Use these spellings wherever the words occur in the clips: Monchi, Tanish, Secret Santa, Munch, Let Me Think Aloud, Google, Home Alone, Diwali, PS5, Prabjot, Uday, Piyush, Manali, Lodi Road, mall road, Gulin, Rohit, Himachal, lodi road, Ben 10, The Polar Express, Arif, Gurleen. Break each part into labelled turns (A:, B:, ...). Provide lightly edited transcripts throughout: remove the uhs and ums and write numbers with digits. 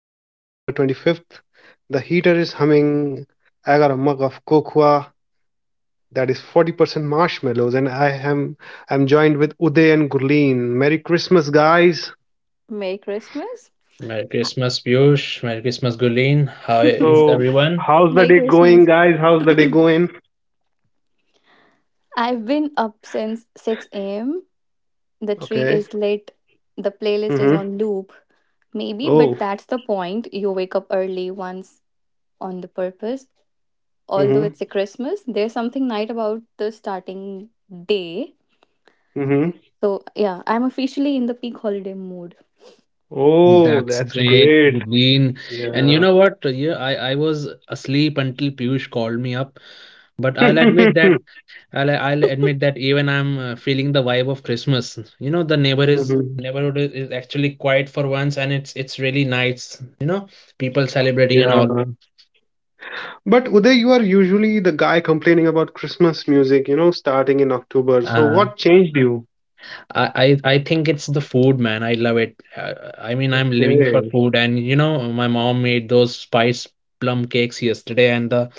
A: It's December 25th. The heater is humming. I got a mug of cocoa that is 40% marshmallows and I'm joined with Uday and Gurleen. Merry Christmas guys.
B: Merry Christmas.
C: Merry Christmas, Piyush. Merry Christmas, Gulin. How is
A: So,
C: everyone?
A: how's the
B: Merry
A: day going
B: Christmas.
A: guys? How's the day going?
B: I've been up since 6 a.m. The tree
A: Okay.
B: is lit. The playlist is
A: Mhm.
B: on loop. Maybe, but
A: Oh.
B: that's the point. You wake up early once on the purpose. Although
A: Mhm.
B: it's a Christmas, there's something night about the starting day.
A: Mhm.
B: So, yeah, I'm officially in the peak holiday mood.
A: Oh,
C: That's
A: that's
C: great,
A: great.
C: Gulin. And you
A: Yeah.
C: know what? Yeah, I was asleep until Piyush called me up. But I'll admit that I'll I'll admit that even I'm feeling the vibe of Christmas. You know, the
A: Mhm.
C: neighborhood is actually quiet for once, and it's really nice. You know, people celebrating and all.
A: Yeah. But Uday, you are usually the guy complaining about Christmas music, starting in October. So
C: Uh,
A: what changed you?
C: I think it's the food, man. I love it. I mean, I'm living for
A: Okay.
C: food, and you know, my mom made those spice plum cakes yesterday, and the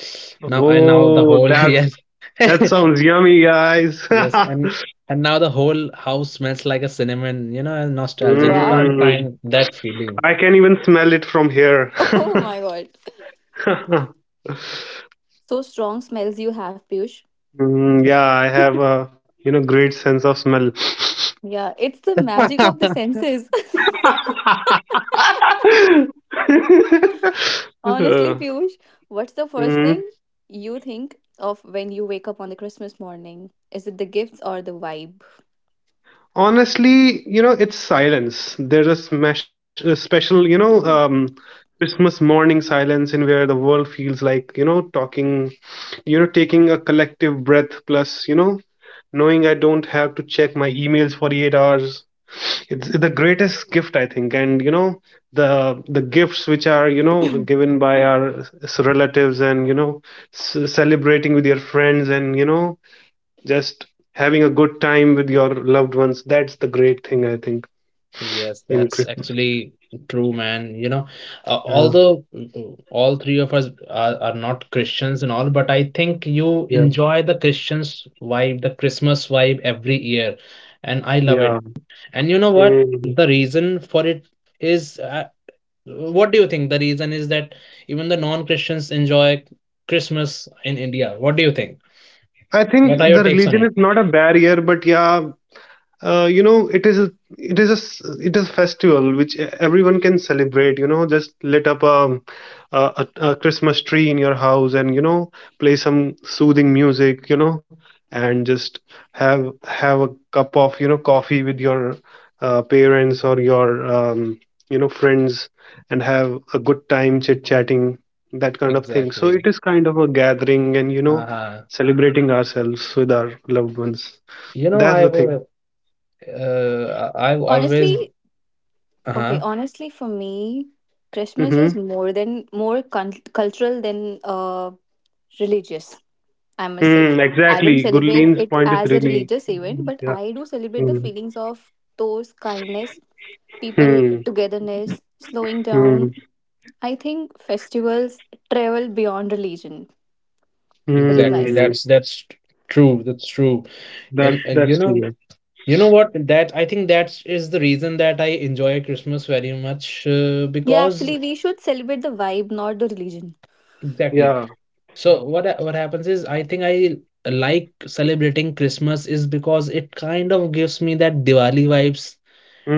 C: now and now the
A: Oh,
C: whole
A: that's
C: yes,
A: that sounds yummy, guys.
C: yes, and and now the whole house smells like a cinnamon. You know, and nostalgic. You
B: Wow.
C: can't
A: Mm,
C: find that feeling.
A: I can even smell it from here.
B: Oh my God. So strong smells you have, Piyush.
A: Mm, yeah, I have a great sense of smell.
B: Yeah, it's the magic of the senses. Honestly,
A: Uh,
B: Piyush, what's the first
A: mhm.
B: thing you think of when you wake up on the Christmas morning? Is it the gifts or the vibe?
A: Honestly, it's silence. There's a, smash, a special, Christmas morning silence in where the world feels like, talking, taking a collective breath, plus, knowing I don't have to check my emails for 8 hours. It's the greatest gift, I think. And, the gifts which are, given by our relatives and, celebrating with your friends and, just having a good time with your loved ones, that's the great thing I think
C: Yes,
A: in
C: that's
A: Christmas.
C: actually true, man. You know,
A: Yeah.
C: although all three of us are not Christians and all, but I think
A: Yeah,
C: you enjoy the Christians vibe, the Christmas vibe every year, and I love
A: yeah.
C: it. And you know what? The
A: Mm.
C: reason for it is, what do you think? The reason is that even the non-Christians enjoy Christmas in India. What do you think?
A: I think
C: What are your
A: the
C: takes on
A: religion
C: it?
A: is not a barrier, but yeah. You know, it is a, it is a it is a festival which everyone can celebrate. You know, just lit up a, a Christmas tree in your house, and you know, play some soothing music, you know, and just have a cup of, you know, coffee with your parents or your you know, friends, and have a good time chit chatting. That kind of thing, so
C: Exactly.
A: it is kind of a gathering, and you know,
C: Uh-huh.
A: celebrating ourselves with our loved ones.
C: You know,
A: That's the thing.
C: I've always
B: Honestly,
C: uh-huh.
B: okay, honestly, for me, Christmas is
A: Mm-hmm.
B: more than more cultural than religious. I must say.
A: Hmm,
B: I don't
A: exactly.
B: celebrate
A: Gurleen's
B: it
A: point is
B: as a
A: really,
B: religious event, but
A: yeah.
B: I do celebrate the
A: Hmm.
B: feelings of those kindness, people
A: Hmm.
B: togetherness, slowing
A: Hmm.
B: down. I think festivals travel beyond religion. What do you
C: Exactly.
B: guys
A: Hmm.
B: say?
C: That's true. That's true.
A: That
C: And you
A: that's true.
C: know,
A: Yeah.
C: what? That I think that is the reason that I enjoy Christmas very much
B: Yeah,
C: because
B: actually, we should celebrate the vibe, not the religion.
C: exactly.
A: Yeah.
C: So what happens is I think I like celebrating Christmas is because it kind of gives me that Diwali vibes,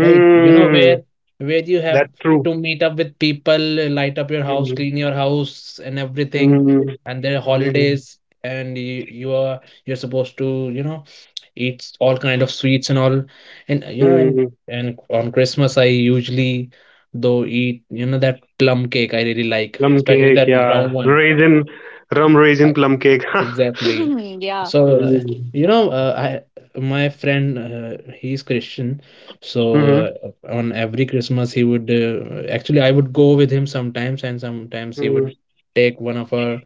C: right? You know, where where you have
A: That's true.
C: to meet up with people, light up your house,
A: Hmm.
C: clean your house and everything,
A: Hmm.
C: and they're
A: Hmm.
C: holidays, and you're supposed to, you know, eats all kind of sweets and all, and you know, and
A: Hmm.
C: and on Christmas I usually though eat, you know, that plum cake I really like,
A: Plum
C: especially
A: cake.
C: that round
A: Yeah.
C: one.
A: Raisin, rum raisin plum cake.
C: Exactly.
B: Yeah,
C: So,
A: Hmm.
C: you know, I my friend, he's Christian. So
A: Hmm.
C: on every Christmas, he would actually I would go with him sometimes, and sometimes he
A: Hmm.
C: would take one of our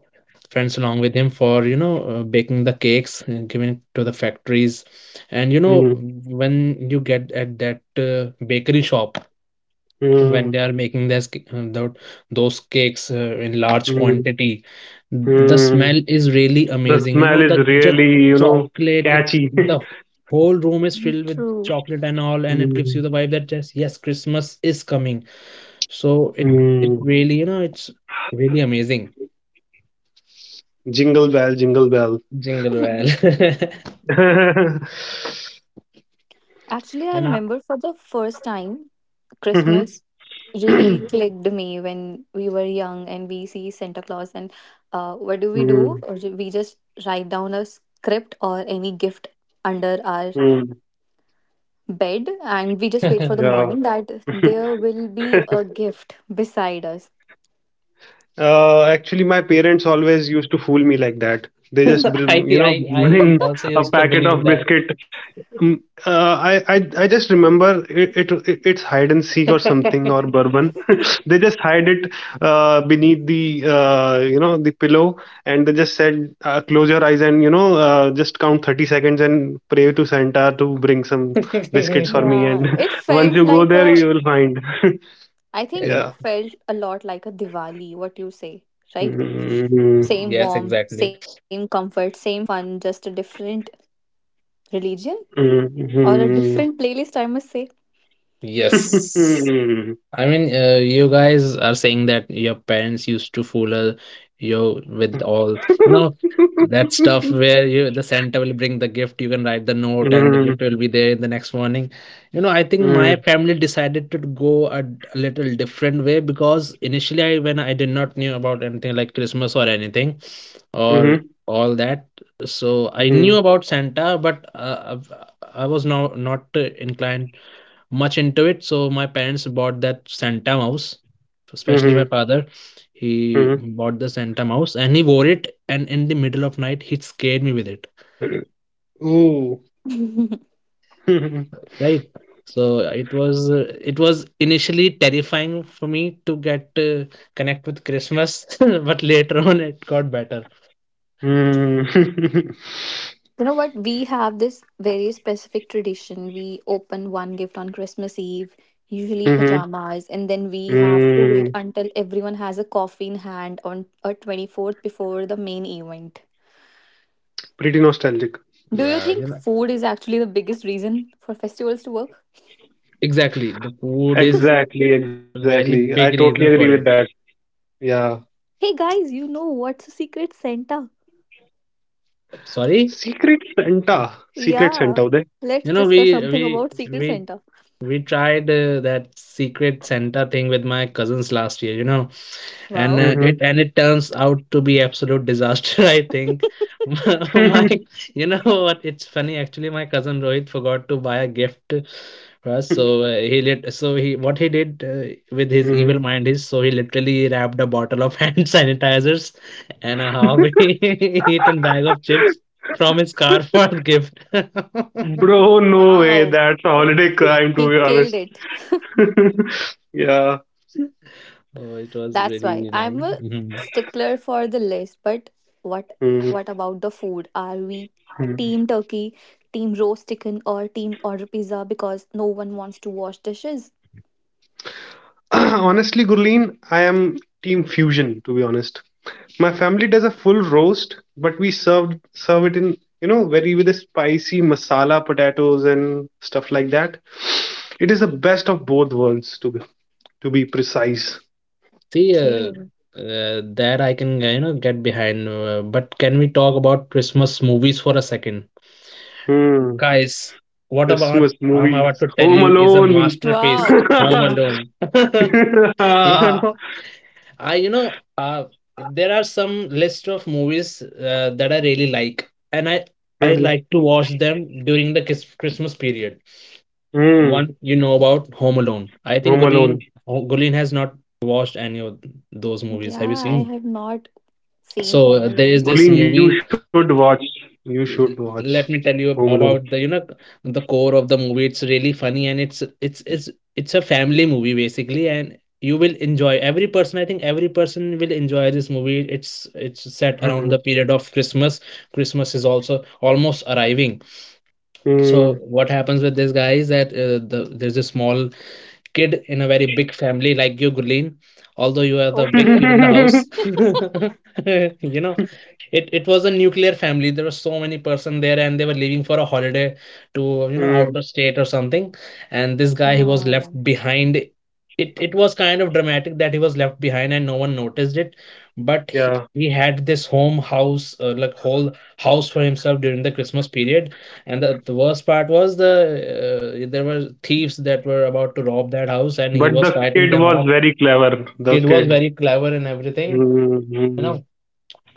C: friends along with him for, you know, baking the cakes and giving it to the factories. And you know,
A: Hmm.
C: when you get at that bakery shop, when they
A: Hmm.
C: are making those cakes in large
A: Hmm.
C: quantity, the
A: Hmm.
C: smell is really
A: The
C: amazing, you
A: smell
C: know, the
A: is
C: just
A: really,
C: chocolate it,
A: catchy.
C: the whole room is filled with
B: true.
C: chocolate and all, and it gives
A: Hmm.
C: you the vibe that, just, yes, Christmas is coming. So it
A: Hmm.
C: it really, you know, it's really amazing.
A: Jingle bell, jingle bell.
C: Jingle well.
A: Mhm.
B: Actually, I
C: And I,
B: remember for the first time Christmas really clicked me when we were young and we see Santa Claus and what do we do? Or
A: Mm.
B: we just write down a script or any gift under our
A: Mm.
B: bed and we just wait for the morning
A: Yeah.
B: that there will be a gift beside us.
A: Actually, my parents always used to fool me like that. They just,
C: I
A: you know,
C: I
A: bring
C: also
A: a
C: used to
A: packet
C: believe
A: of
C: that.
A: biscuit. Mm. Uh, I, I I just remember it, it's hide and seek or something or bourbon. They just hide it beneath the, you know, the pillow, and they just said, close your eyes, and you know, just count 30 seconds and pray to Santa to bring some biscuits for me, and
B: Yeah, it
A: once
B: felt
A: you go
B: like
A: there
B: a,
A: you will find.
B: I think
A: Yeah.
B: it
C: Uh,
B: felt a lot like a Diwali, what you say, right?
A: Mhm.
B: Same
C: yes,
B: warm,
C: exactly.
B: same comfort, same fun, just a different religion or a
A: Mhm.
B: different playlist, I must say.
C: Yes. I mean, you guys are saying that your parents used to fool you with all, you know, that stuff where you the Santa will bring the gift, you can write the note, and the gift
A: Mhm.
C: will be there the next morning. You know, I think my
A: Mhm.
C: family decided to go a little different way because initially, when I did not knew about anything like Christmas or anything or all that, so I knew
A: Mhm.
C: about Santa, but I was now not inclined much into it. So my parents bought that Santa mouse, especially my
A: Mhm.
C: father. He
A: Mhm.
C: bought the Santa mouse and he wore it. And in the middle of night, he scared me with it.
A: Ooh.
C: Right. So it was initially terrifying for me to get connect with Christmas, but later on it got better.
A: Mm.
B: You know what? We have this very specific tradition. We open one gift on Christmas Eve, usually
A: Mhm.
B: pajamas, and then we have to wait
A: Mm.
B: until everyone has a coffee in hand on a 24th before the main event.
A: Pretty nostalgic.
B: Do you
C: Yeah, you
B: think
C: know,
B: food is actually the biggest reason for festivals to work?
C: exactly. The food is
A: Exactly,
C: a very
A: exactly. I
C: big
A: totally
C: reason for
A: agree with
C: it.
A: that. Yeah.
B: Hey guys, you know what's a secret Santa?
C: Sorry,
A: Secret Santa. Secret
B: Yeah,
A: Santa, Uday.
B: let's
C: you know,
B: discuss something about Secret
C: we
B: Santa.
C: we tried that secret Santa thing with my cousins last year, you know, and
B: Wow.
C: it
A: Mm-hmm.
C: and it turns out to be absolute disaster. I think my you know what? It's funny actually. My cousin Rohit forgot to buy a gift for us, so he lit. So he what he did with his
A: mm-hmm.
C: evil mind is so he literally wrapped a bottle of hand sanitizers and a half-eaten bag of chips from his car for a gift.
A: Bro, no way.
B: Wow,
A: That's a holiday crime, to
B: he
A: be
B: killed
A: honest.
B: it.
A: Yeah.
C: Oh, it was
B: That's
C: really
B: why
C: nice.
B: I'm a
C: Mhm.
B: stickler for the list. But what
A: Mhm.
B: what about the food? Are we team turkey, team roast chicken, or team order pizza because no one wants to wash dishes?
A: Honestly, Gurleen, I am Team Fusion, to be honest. My family does a full roast, but we serve it in, you know, very with a spicy masala potatoes and stuff like that. It is the best of both worlds, to be precise.
C: See,
B: Okay.
C: that I can, you know, get behind. But can we talk about Christmas movies for a second?
A: Hmm.
C: Guys, what about
A: Christmas
C: I'm
A: movies,
C: about to tell
A: Home
C: you is a
A: Alone.
C: masterpiece,
B: Wow.
C: Home Alone. You know, I you know, uh, there are some list of movies that I really like, and I
A: Hmm.
C: like to watch them during the Christmas period.
A: Hmm.
C: One, you know, about Home Alone. I think
A: Home Alone.
C: Gulin has not watched any of those movies.
B: Yeah,
C: Have you
B: I
C: seen?
B: have not seen
C: So
B: Home
C: there is
B: Alone.
C: this
A: Gulin, you
C: movie.
A: should watch. You should watch
C: Let me
A: Home
C: tell you
A: Alone.
C: about the you know the core of the movie. It's really funny and it's a family movie basically, and you will enjoy every person. I think every person will enjoy this movie. It's set around the period of Christmas. Christmas is also almost arriving.
A: Hmm.
C: So what happens with this guy is that there's a small kid in a very big family like you, Gulin, although you are the big
B: Okay.
C: kid in the
A: Hmm.
C: house. You know, it was a nuclear family, there were so many person there, and they were leaving for a holiday to, you know,
A: Hmm.
C: outer state or something, and this guy, he was left
B: Hmm.
C: behind. It was kind of dramatic that he was left behind and no one noticed it, but he,
A: Yeah.
C: he had this home house, like whole house for himself during the Christmas period. And the worst part was there were thieves that were about to rob that house, and he
A: But
C: was
A: the
C: fighting
A: kid
C: them
A: was
C: off.
A: very clever. The
C: Kid was
A: kid.
C: very clever and everything, you
A: Mm-hmm.
C: know,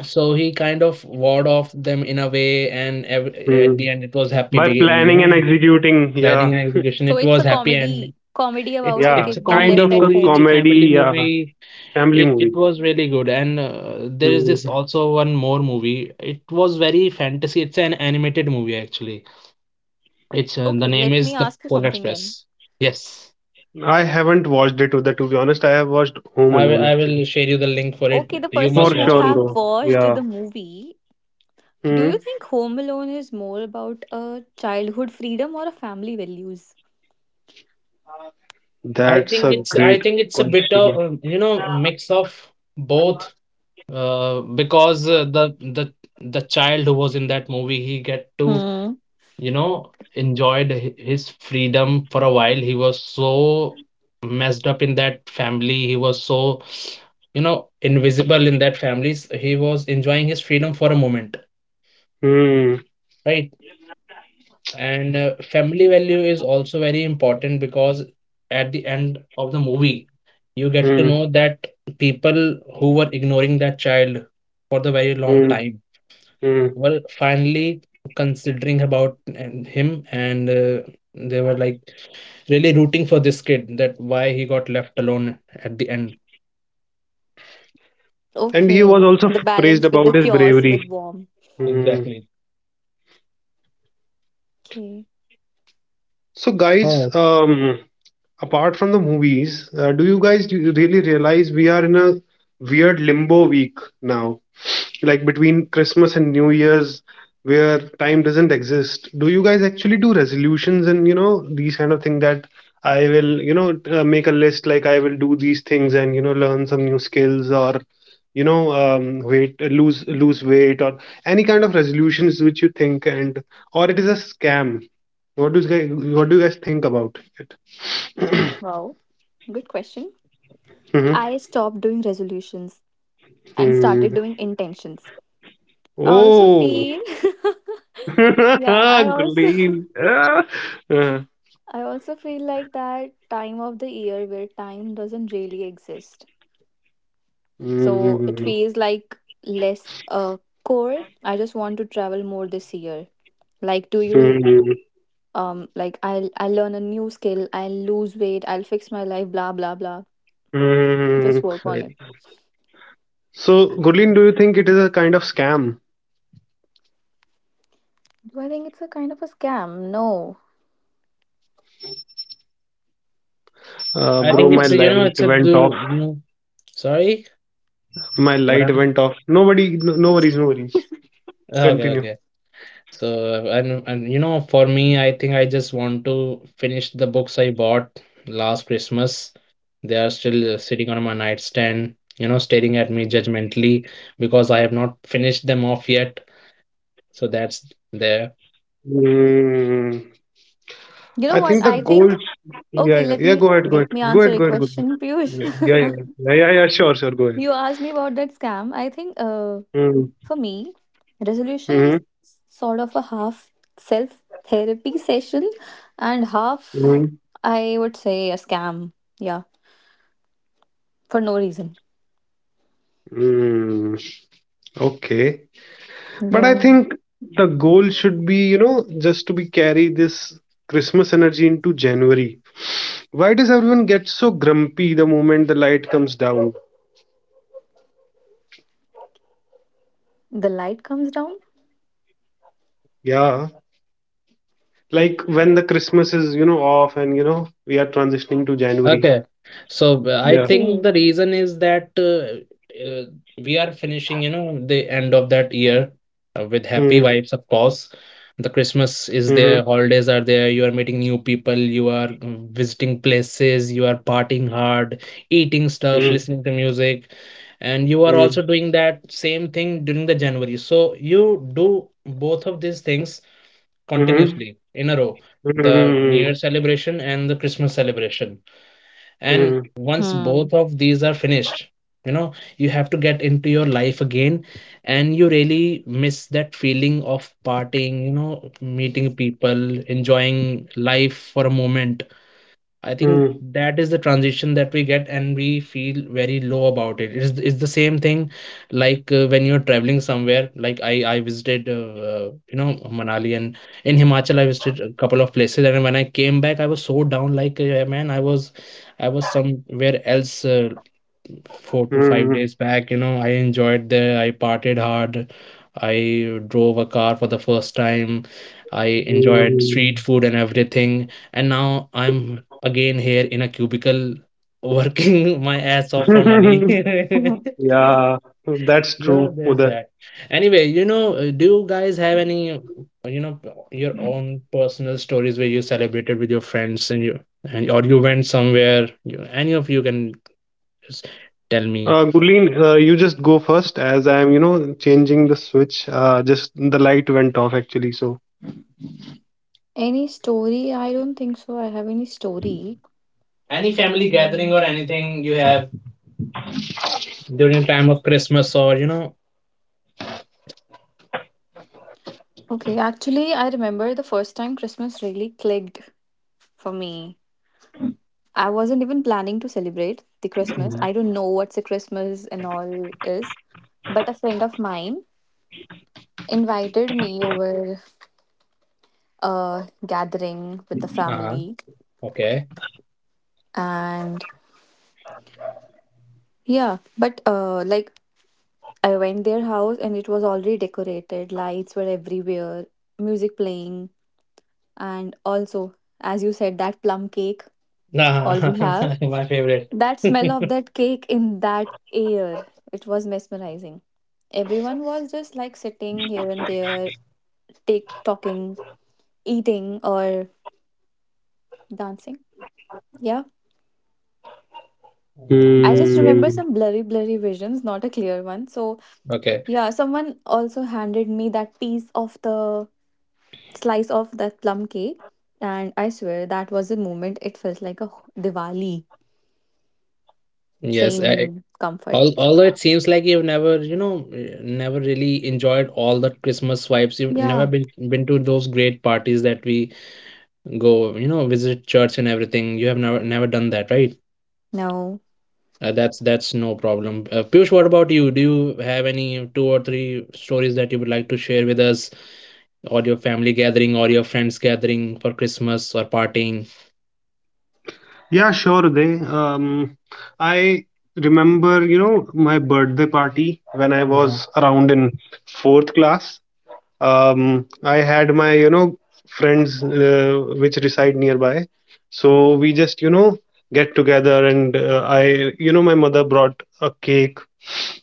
C: so he kind of ward off them in a way, and ev at
A: Mm.
C: the end it was happy.
A: By
C: You
A: planning and
C: know,
A: executing,
C: planning
A: yeah,
C: and execution.
B: So
C: It
B: it's
C: was
B: a
C: happy ending.
B: comedy
C: It's
B: about a
A: yeah,
C: it's a
B: kid being
A: kind
C: comedy
B: left
A: of a
B: at
C: movie. It's
B: home.
C: a family
A: comedy, yeah,
C: movie.
A: family
C: It
A: movie.
C: was really good. And there is this
A: Mm.
C: also one more movie. It was very fantasy. It's an animated movie actually. It's, the
B: Okay,
C: name
B: let me
C: is The
B: ask you
C: Polar
B: something then.
C: Express. Yes,
A: I haven't watched it, to, the to be honest. I have watched Home
C: I will
A: Alone
C: I will
A: actually.
C: share you the link for it.
B: Okay, the
C: You
B: person
A: For
C: must watch
B: who
C: it.
A: sure,
B: have
A: bro.
B: watched
A: Yeah.
B: the movie. Do you
A: Mm.
B: think Home Alone is more about a childhood freedom or a family values?
C: I
A: That's
C: think
A: a
C: it's I
A: great
C: think it's a bit of
A: question.
C: you know, mix of both, because the child who was in that movie, he get to,
B: Hmm.
C: you know, enjoyed his freedom for a while. He was so messed up in that family, he was so, you know, invisible in that families. He was enjoying his freedom for a moment,
A: Mm.
C: right? And family value is also very important, because at the end of the movie, you get to
A: Mm.
C: know that people who were ignoring that child for the very long
A: Mm.
C: time,
A: Mm.
C: well, finally considering about and him, and they were like really rooting for this kid that why he got left alone at the end.
A: And he
B: Okay.
A: was also
B: The
A: praised
B: balance with
A: about
B: the
A: his
B: chaos with
A: bravery.
B: warm.
A: Mm.
C: Exactly.
B: Okay.
A: So guys,
C: Oh,
A: apart from the movies, do you guys, do you really realize we are in a weird limbo week now, like between Christmas and New Year's, where time doesn't exist? Do you guys actually do resolutions and, you know, these kind of thing that I will, you know, make a list like I will do these things, and you know, learn some new skills, or you know, weight, lose weight, or any kind of resolutions which you think, and or it is a scam. What do you guys, what do you guys think about it?
B: Wow. Good question.
A: Mm-hmm.
B: I stopped doing resolutions and started
A: Mm-hmm.
B: doing intentions. I also
A: Oh,
B: feel Yeah, I also
A: green. Ah. Uh,
B: I also feel like that time of the year where time doesn't really exist.
A: mm,
B: So it
A: mm,
B: feels like less core. I just want to travel more this year. Like, do you, like, I'll learn a new skill, I'll lose weight, I'll fix my life, blah blah blah.
A: mm.
B: Just work on
C: great.
B: it.
A: So, Gurleen, do you think it is a kind of scam?
B: Do I think it's a kind of a scam? No,
C: I
B: I
A: Bro,
C: think
B: don't
A: my
C: it's
B: think
C: a, you
B: so.
C: know,
A: light
C: it's a
A: went off.
C: sorry.
A: My
C: What
A: light
C: happened?
A: went off. Nobody, no, no worries, no worries.
C: Okay,
A: Continue.
C: okay. So, and you know, for me, I think I just want to finish the books I bought last Christmas. They are still sitting on my nightstand, you know, staring at me judgmentally because I have not finished them off yet. So that's there.
A: Mm.
B: You know
A: I
B: what
A: think the
B: I think?
A: gold. Yeah,
B: Okay,
A: yeah,
B: let
A: yeah.
B: me
A: Go ahead, go
B: let
A: ahead,
B: me
A: go
B: answer
A: ahead,
B: a
A: go ahead, go ahead.
B: question,
A: Yeah,
B: Piyush.
A: yeah, yeah, yeah, yeah, yeah, sure, sure. Go ahead.
B: You asked me about that scam. I think,
A: Mm.
B: for me, resolution
A: Mm-hmm.
B: is sort of a half self therapy session and half,
A: Mm.
B: I would say, a scam. Yeah, for no reason.
A: Mm. Okay. But I
B: Yeah.
A: think the goal should be, you know, just to be carry this Christmas energy into January. Why does everyone get so grumpy the moment the light comes down?
B: The light comes down.
A: Yeah. Like when the Christmas is, you know, off, and you know, we are transitioning to January.
C: Okay. So I
A: Yeah.
C: think
B: Okay.
C: the reason is that uh, we are finishing, you know, the end of that year with happy
A: Mm,
C: vibes, of course. The Christmas is
A: mhm,
C: there, holidays are there, you are meeting new people, you are visiting places, you are partying hard, eating stuff,
A: mm,
C: listening to music, and you are
A: mm,
C: also doing that same thing during the January. So you do both of these things
A: mhm,
C: continuously in a row, the new year
A: mm,
C: celebration and the Christmas celebration, and once
B: Hmm.
C: both of these are finished, you know, you have to get into your life again, and you really miss that feeling of partying, you know, meeting people, enjoying life for a moment. I think
A: mm,
C: that is the transition that we get, and we feel very low about it. It's the same thing, like when you're traveling somewhere. Like I visited, you know, Manali, and in Himachal I visited a couple of places, and when I came back I was so down. Like man, I was somewhere else. Four to five
A: mm,
C: days back. You know, I enjoyed there. I partied hard. I drove a car for the first time. I
A: mm,
C: enjoyed street
A: mm.
C: food and everything. And now I'm again here in a cubicle working my ass off for money.
B: Mhm.
A: Yeah, that's true,
C: No, there's
A: Uday.
C: that. Anyway, do you guys have any, you know, your own personal stories where you celebrated with your friends and you and or you went somewhere? You, any of you can just tell me
A: Gurleen, you just go first as I am, you know, changing the switch. Just the light went off actually. So,
B: Any story? I don't think so. I have any story.
C: any family
B: Hmm.
C: gathering or anything you have during time of Christmas or you know.
B: Okay, actually, I remember the first time Christmas really clicked for me. I wasn't even planning to celebrate the Christmas.
C: Mhm.
B: I don't know what's a Christmas and all is, but a friend of mine invited me over a gathering with the
C: Uh-huh.
B: family.
C: Okay.
B: And yeah, but like, I went their house and it was already decorated, lights were everywhere, music playing. And also, as you said, that plum cake, all
C: Ah,
B: we have.
C: my favorite.
B: That
C: Oh,
B: smell of that cake in that air, it was mesmerizing. Everyone was just like sitting here and there, take talking, eating or dancing. Yeah. I
C: that's
B: just
C: great.
B: remember
A: hmm.
B: some blurry, blurry visions, not a clear one. So
C: Okay.
B: yeah, someone also handed me that piece of the slice of that plum cake. And I swear that was the moment it felt like a Diwali.
C: Yes,
B: Same comfort.
C: all, although it seems like you've never never really enjoyed all the Christmas vibes, you've never
B: Yeah.
C: been to those great parties that we go, you know, visit church and everything. You have never done that, right?
B: No.
C: That's no problem. Piyush, what about you? Do you have any two or three stories that you would like to share with us, or your family gathering, or your friends gathering for Christmas or partying?
A: Yeah, sure, they. Um, I remember, you know, my birthday party when I
C: Uh-huh.
A: was around in fourth class. I had my, you know, friends which reside nearby. So we just, you know, get together, and you know, my mother brought a cake,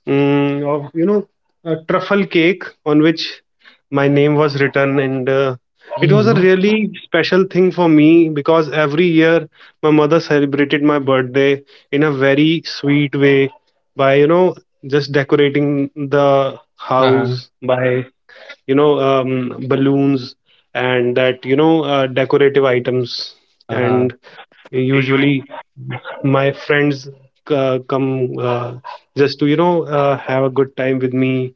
A: mm, of, you know, a truffle cake on which my name was written, and it was a
C: Hmm.
A: really special thing for me because every year my mother celebrated my birthday in a very sweet way by, you know, just decorating the
C: Uh-huh.
A: house by, you know, balloons and that, you know, decorative items.
C: Uh-huh.
A: And
B: Yeah, you.
A: usually my friends come just to, you know, have a good time with me,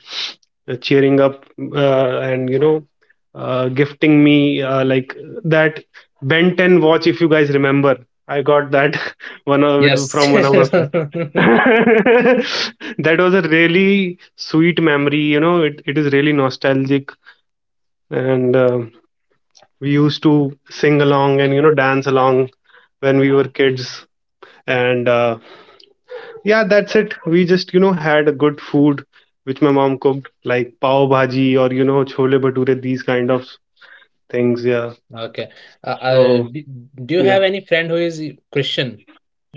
A: cheering up, and you know, gifting me, like that Ben 10 watch, if you guys remember. I got that one of it
C: Yes.
A: from one of my friends. That was a really sweet memory, you know. It is really nostalgic. And we used to sing along, and you know, dance along when we were kids. And yeah, that's it. We just, you know, had a good food which my mom cooked, like pav bhaji or, you know, chole bhature, these kind of things. Yeah.
C: Okay. Uh, uh,
A: So,
C: do, do you have
A: yeah.
C: any friend who is Christian?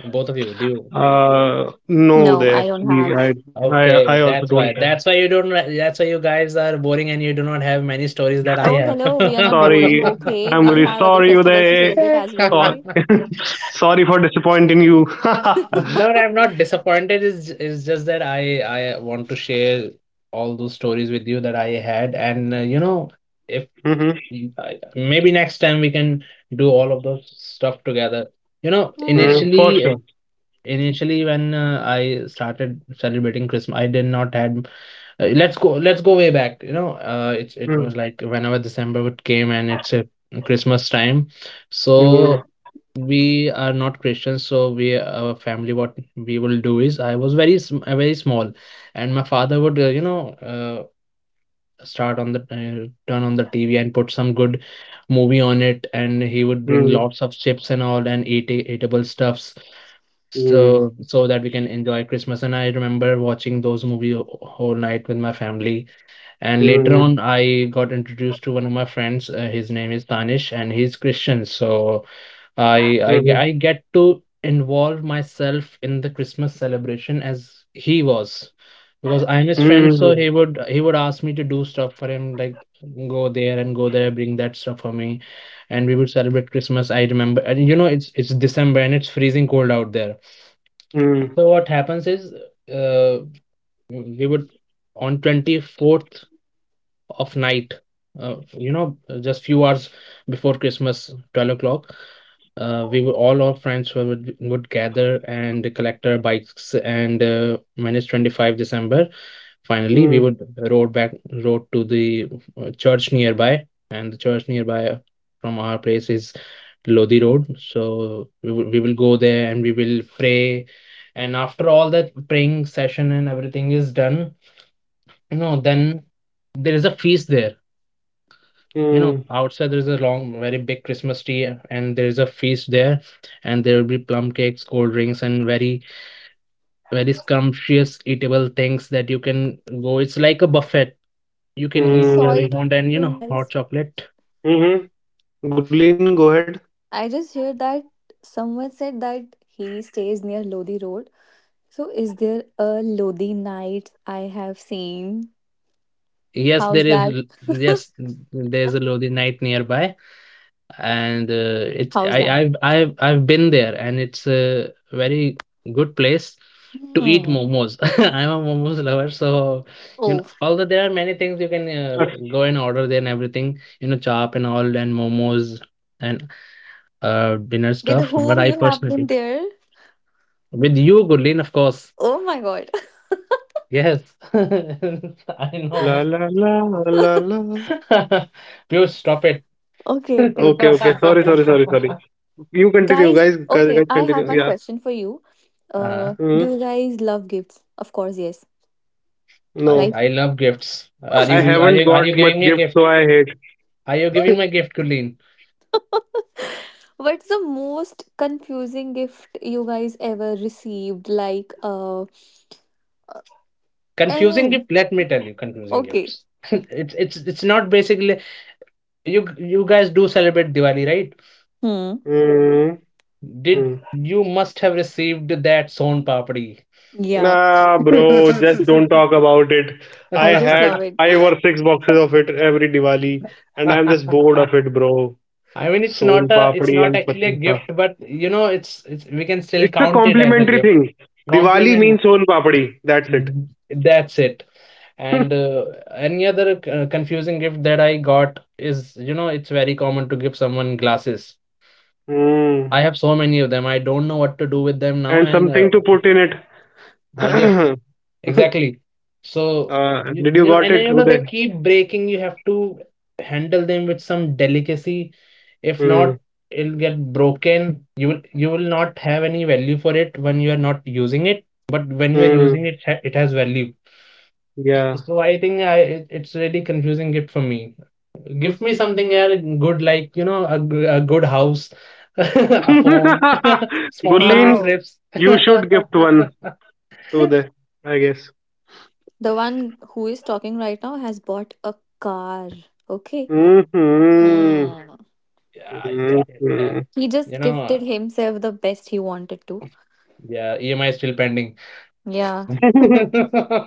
C: Both of you, do you?
A: No,
B: No,
A: they
B: I don't
A: actually,
B: have.
A: I
C: Okay,
A: also
C: that's
A: don't
C: why.
A: have.
C: That's why you don't. That's why you guys are boring and you do not have many stories that I
B: Oh, hello. We are not boring.
A: Sorry.
B: Okay.
A: I'm
B: We
A: really
B: have other
A: sorry,
B: festivals to
A: Uday.
B: celebrate as well.
A: Sorry.
C: have.
B: Okay.
A: sorry for disappointing you.
C: No, I'm not disappointed. Is just that I want to share all those stories with you that I had, and you know, if
A: Hmm.
C: maybe next time we can do all of those stuff together. You know,
B: Hmm.
A: Mm, for sure.
C: initially when I started celebrating Christmas, I did not had. Let's go. Let's go way back. It's it was
A: Mm,
C: like whenever December would came and it's a Christmas time, so
A: mm,
C: we are not Christians, so we our family what we will do is I was very small, and my father would start on the turn on the TV and put some good movie on it, and he would bring
A: mm,
C: lots of chips and all and eat eatable stuffs
A: mm,
C: so so that we can enjoy Christmas. And I remember watching those movies whole night with my family. And later
A: mm,
C: on, I got introduced to one of my friends. His name is Tanish, and he's Christian, so
A: mm,
C: I get to involve myself in the Christmas celebration as he was. Because I'm his friend, so
A: mm,
C: he would ask me to do stuff for him, like go there and go there, bring that stuff for me. And we would celebrate Christmas. I remember, and you know, it's December and it's freezing cold out there.
A: mm,
C: So what happens is, uh, we would on 24th of night uh, you know just few hours before Christmas, 12 o'clock, we were all our friends were, would gather and collect our bikes, and minus 25 December, finally we
A: mm,
C: would rode back rode to the church nearby. And the church nearby from our place is Lodi Road, so we will go there and we will pray. And after all that praying session and everything is done, you know, then there is a feast there. You know,
A: mm.
C: outside there's a long, very big Christmas tree and there's a feast there. And there will be plum cakes, cold drinks, and very, very scrumptious eatable things that you can go. It's like a buffet. You can
B: Hey,
C: eat whatever
B: sorry
C: you
B: to
C: want,
A: Mm.
C: and you
B: interrupt,
C: know,
B: guys.
C: hot chocolate.
A: Mhm. Gulin, go ahead.
B: I just heard that someone said that he stays near Lodi Road. So, is there a Lodi night I have seen?
C: Yes,
B: How's
C: there is
B: that?
C: yes, there's a Lodi night nearby. And it's
B: How's that?
C: I've been there, and it's a very good place to eat
B: Hmm.
C: momos. I'm a momos lover, so you know,
B: Oh,
C: although there are many things you can go and order there and everything, you know, chop and all and momos and dinner
B: with
C: stuff. But
B: whom
C: I
B: you have been
C: personally,
B: there?
C: with you, Gurleen, of course,
B: Oh my God.
C: yes, I
A: La
C: know.
A: la la la la.
C: You stop it.
B: Okay.
A: Okay, okay. Sorry, sorry, sorry, sorry. You continue,
B: Guys,
A: guys. Guys,
B: okay,
A: guys,
B: I have
A: continue.
B: one
A: Yeah.
B: question for you.
C: Uh,
A: Hmm.
B: Do you guys love gifts? Of course, yes,
C: I
B: right?
A: No,
C: I love gifts. Are
A: I haven't
C: you
A: got much
C: giving me a
A: gift, so
C: gift?
A: I hate.
C: Are you giving me a gift, Kulin?
B: What's the most confusing gift you guys ever received? Like,
C: Confusing
B: any?
C: gift. Let me tell you, confusing
B: Okay.
C: gifts. It's not basically you you guys do celebrate Diwali, right?
B: Hmm.
A: Mm-hmm.
C: Did you must have received that son papdi?
B: Yeah,
A: Nah, bro. Just don't talk about it. I
B: I just
A: had
B: love it.
A: five or six boxes of it every Diwali, and I'm just bored of it, bro.
C: I mean, it's
A: Son
C: not a it's
A: papdi
C: not
A: and
C: actually a
A: patisa.
C: gift, but you know, it's we can still
A: It's a
C: count it as a
A: complimentary
C: gift.
A: thing. Diwali
C: Compliment.
A: means son papdi. That's it.
C: That's it. And any other confusing gift that I got is, you know, it's very common to give someone glasses.
A: Hmm.
C: I have so many of them. I don't know what to do with them now.
A: And
C: And
A: something to put in
C: yes,
A: it.
C: exactly. So,
A: Did you
C: you know,
A: got
C: and
A: it,
C: you know, they
A: Uday?
C: keep breaking. You have to handle them with some delicacy. If not,
A: Hmm.
C: it'll get broken. You will not have any value for it when you are not using it. But when you are using
A: Hmm.
C: it, it has value.
A: Yeah.
C: So I think it's really confusing it for me. Give me something else good, like you know, a good house, a phone, sponsor me
A: Gurleen,
B: Wow.
C: trips.
A: you should gift one to Uday, I guess.
B: The one who is talking right now has bought a car. Okay.
A: Hmm.
B: Hmm.
C: Yeah,
A: Hmm.
B: He
C: you
B: just
C: know,
B: gifted himself the best he wanted to.
C: yeah, EMI is still pending.
B: Yeah.
C: I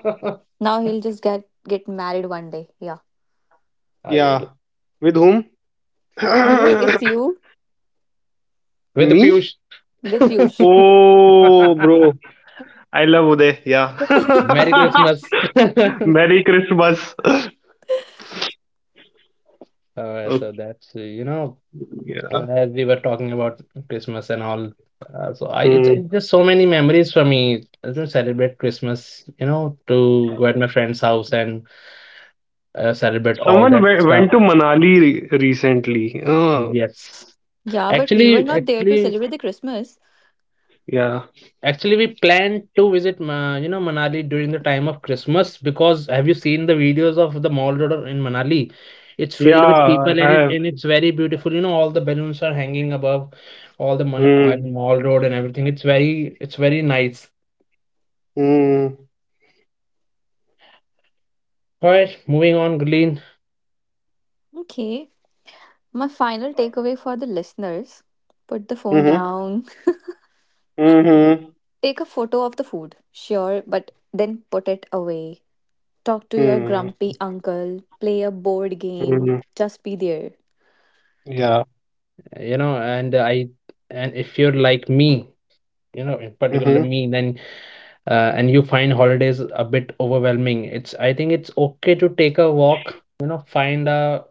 B: Now he'll just get married one day. Yeah.
A: yeah.
C: will
A: With whom?
B: Arif, it's you
C: with
A: Me?
C: Piyush.
B: with Piyush.
A: Oh, bro. I love Uday. Yeah.
C: Merry Christmas.
A: Merry Christmas.
C: Uh,
A: okay.
C: so that's
A: Yeah.
C: as we were talking about Christmas and all. So
A: Hmm.
C: it's just so many memories for me to celebrate Christmas, you know, to go at my friend's house and celebrate all
A: Someone
C: that stuff.
A: went to Manali recently. Oh,
C: Yes.
B: Yeah, but we were
C: Actually,
B: not there to
C: actually,
B: celebrate the Christmas.
A: yeah.
C: actually, we planned to visit, you know, Manali during the time of Christmas, because have you seen the videos of the mall road in Manali? It's
A: Yeah,
C: filled with
A: I
C: people and
A: have.
C: it's very beautiful. You know, all the balloons are hanging above all the man
A: Mm,
C: mall road and everything. It's very nice.
A: mm,
C: All right, moving on, Gleen.
B: Okay. My final takeaway for the listeners, put the phone
A: mm-hmm,
B: down.
A: mm-hmm,
B: Take a photo of the food, sure, but then put it away. Talk to your
A: mm,
B: grumpy uncle. Play a board
A: mm,
B: game. Just be there.
A: yeah.
C: You know, and I, and if you're like me, you know, in
A: Mm-hmm,
C: particular me, then and you find holidays a bit overwhelming. It's I think it's okay to take a walk. You know, find a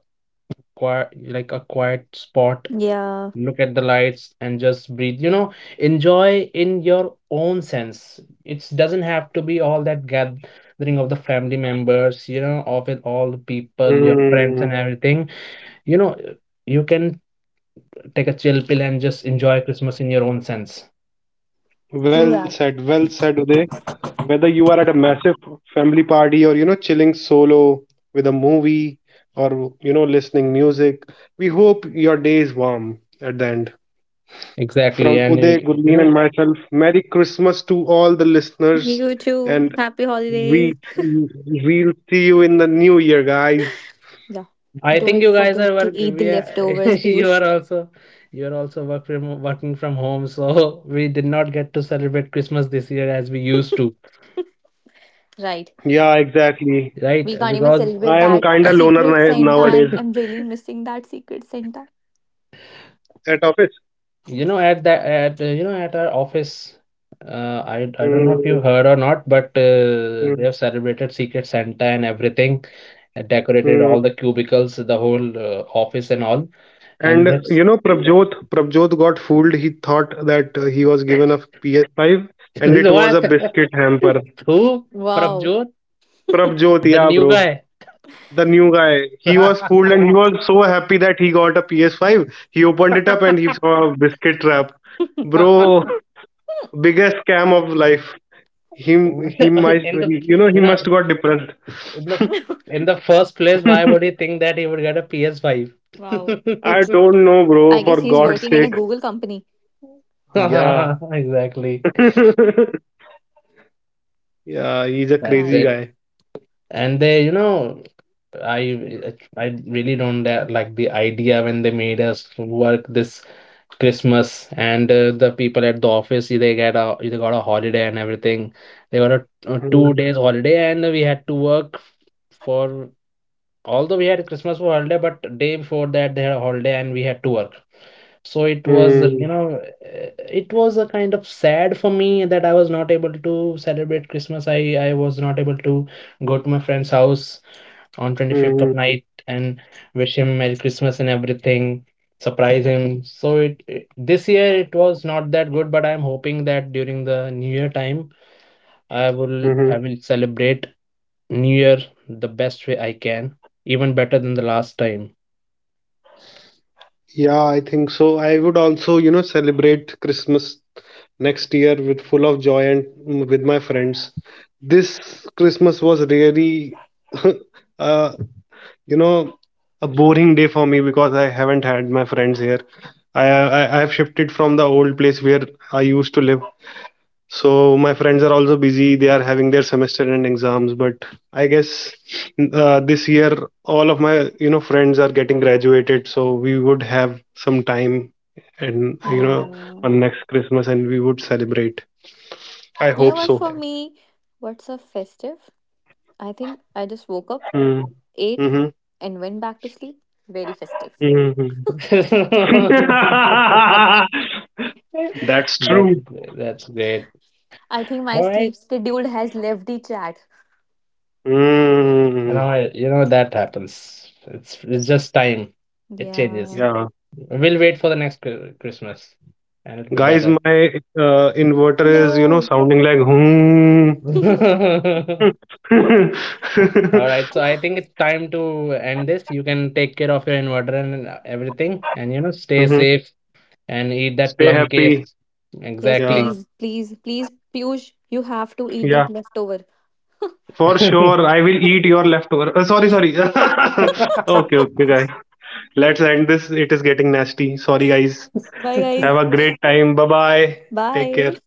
C: quiet like a quiet spot,
B: Yeah,
C: look at the lights, and just breathe. You know, enjoy in your own sense. It doesn't have to be all that gathering of the family members. You know, of it all the people, your friends,
A: mm.
C: and everything. You know, you can take a chill pill and just enjoy Christmas in your own sense.
B: true that.
A: Well said, Uday. Whether you are at a massive family party or, you know, chilling solo with a movie, or you know, listening music, we hope your day is warm at the end.
C: Exactly,
A: From
C: and
A: Uday,
C: you
A: Gurleen, and
C: know,
A: myself, Merry Christmas to all the listeners,
B: You too.
A: and
B: Happy holidays.
A: we we'll see you in the new year, guys.
B: Yeah.
C: I think
B: Don't
C: you guys are
B: forget to
C: work.
B: eat the
C: We are,
B: leftovers,
C: you are
B: Piyush.
C: also you are also work from, working from home, so we did not get to celebrate Christmas this year as we used to,
B: Right.
A: Yeah, exactly.
C: right?
B: We can't even
C: Because
A: I am
B: celebrate that
A: kinda loner
B: secret Santa.
A: nowadays
B: I'm, I'm really missing that secret Santa.
A: at office.
C: you know at that at you know at our office, I don't know if you
A: Mm,
C: heard or not, but they
A: mm,
C: have celebrated Secret Santa and everything decorated all
A: mm.
C: the cubicles, the whole office and all. And
A: And
C: they've
A: you know, Prabjot got fooled. He thought that he was given a PS5, and
C: he's
A: it was
C: what?
A: a biscuit hamper.
C: Who from
B: Wow.
C: June?
A: Prabjot,
C: The
A: yeah,
C: new
A: bro.
C: guy.
A: The new guy, he was fooled, and he was so happy that he got a PS5. He opened it up and he saw a biscuit trap, bro. Biggest scam of life. He might,
C: in the
A: you know,
C: you
A: he
C: know
A: must got depressed.
C: in the in the first place, why would he think that he would get a PS5?
B: Wow.
A: I don't know, bro,
B: I
A: for
B: guess he's
A: god's
B: working in a
A: sake.
B: Google company.
A: Yeah.
C: Exactly.
A: Yeah, he's a
C: That's
B: My
A: crazy
C: it.
B: God.
A: guy.
C: And they, you know, I really don't like the idea when they made us work this Christmas, and the people at the office they got a holiday and everything. They got a two
A: Hmm.
C: days holiday and we had to work for although we had Christmas for holiday, but day before that they had a holiday and we had to work. So it was
A: Hmm.
C: it was a kind of sad for me that I was not able to celebrate Christmas. I was not able to go to my friend's house on 25th of
A: Hmm.
C: night and wish him Merry Christmas and everything, surprise him. So this year it was not that good, but I'm hoping that during the New Year time,
A: Mhm.
C: I will celebrate New Year the best way I can, even better than the last time.
A: Yeah, I think so. I would also, you know, celebrate Christmas next year with full of joy and, mm, with my friends. This Christmas was really, uh, you know, a boring day for me because I haven't had my friends here. I have shifted from the old place where I used to live. So my friends are also busy. They are having their semester and exams. But I guess this year all of my, you know, friends are getting graduated. So we would have some time, and you know,
B: Hmm.
A: on next Christmas, and we would celebrate. I
B: You know
A: hope
B: what,
A: so.
B: for
C: Right.
B: me, what's a festive? I think I just woke up,
A: Mm.
B: ate,
A: Mm-hmm.
B: and went back to sleep. Very festive.
A: Mm-hmm. That's true.
C: That's great.
B: I think my
C: All right,
B: sleep schedule has left the chat.
A: Mm.
C: you know that happens. It's just time. It changes.
B: Yeah.
A: Yeah.
C: We'll wait for the next Christmas and it'll be
A: Guys,
C: better.
A: my inverter is, you know,
B: No.
A: sounding like hmm.
C: All right, so I think it's time to end this. You can take care of your inverter and everything, and you know, stay
A: Mhm.
C: safe and eat that
A: Stay
C: plum case.
A: happy.
B: Yes,
A: Yeah.
C: Exactly.
B: please, please, please, Piyush, you have to eat
A: Yeah.
B: that leftover.
A: For sure. I will eat your leftover. Sorry, sorry. okay, okay, guys. Let's end this. It is getting nasty. Sorry, guys.
B: Bye, guys.
A: Have a great time. Bye bye. Take
B: Bye.
A: care.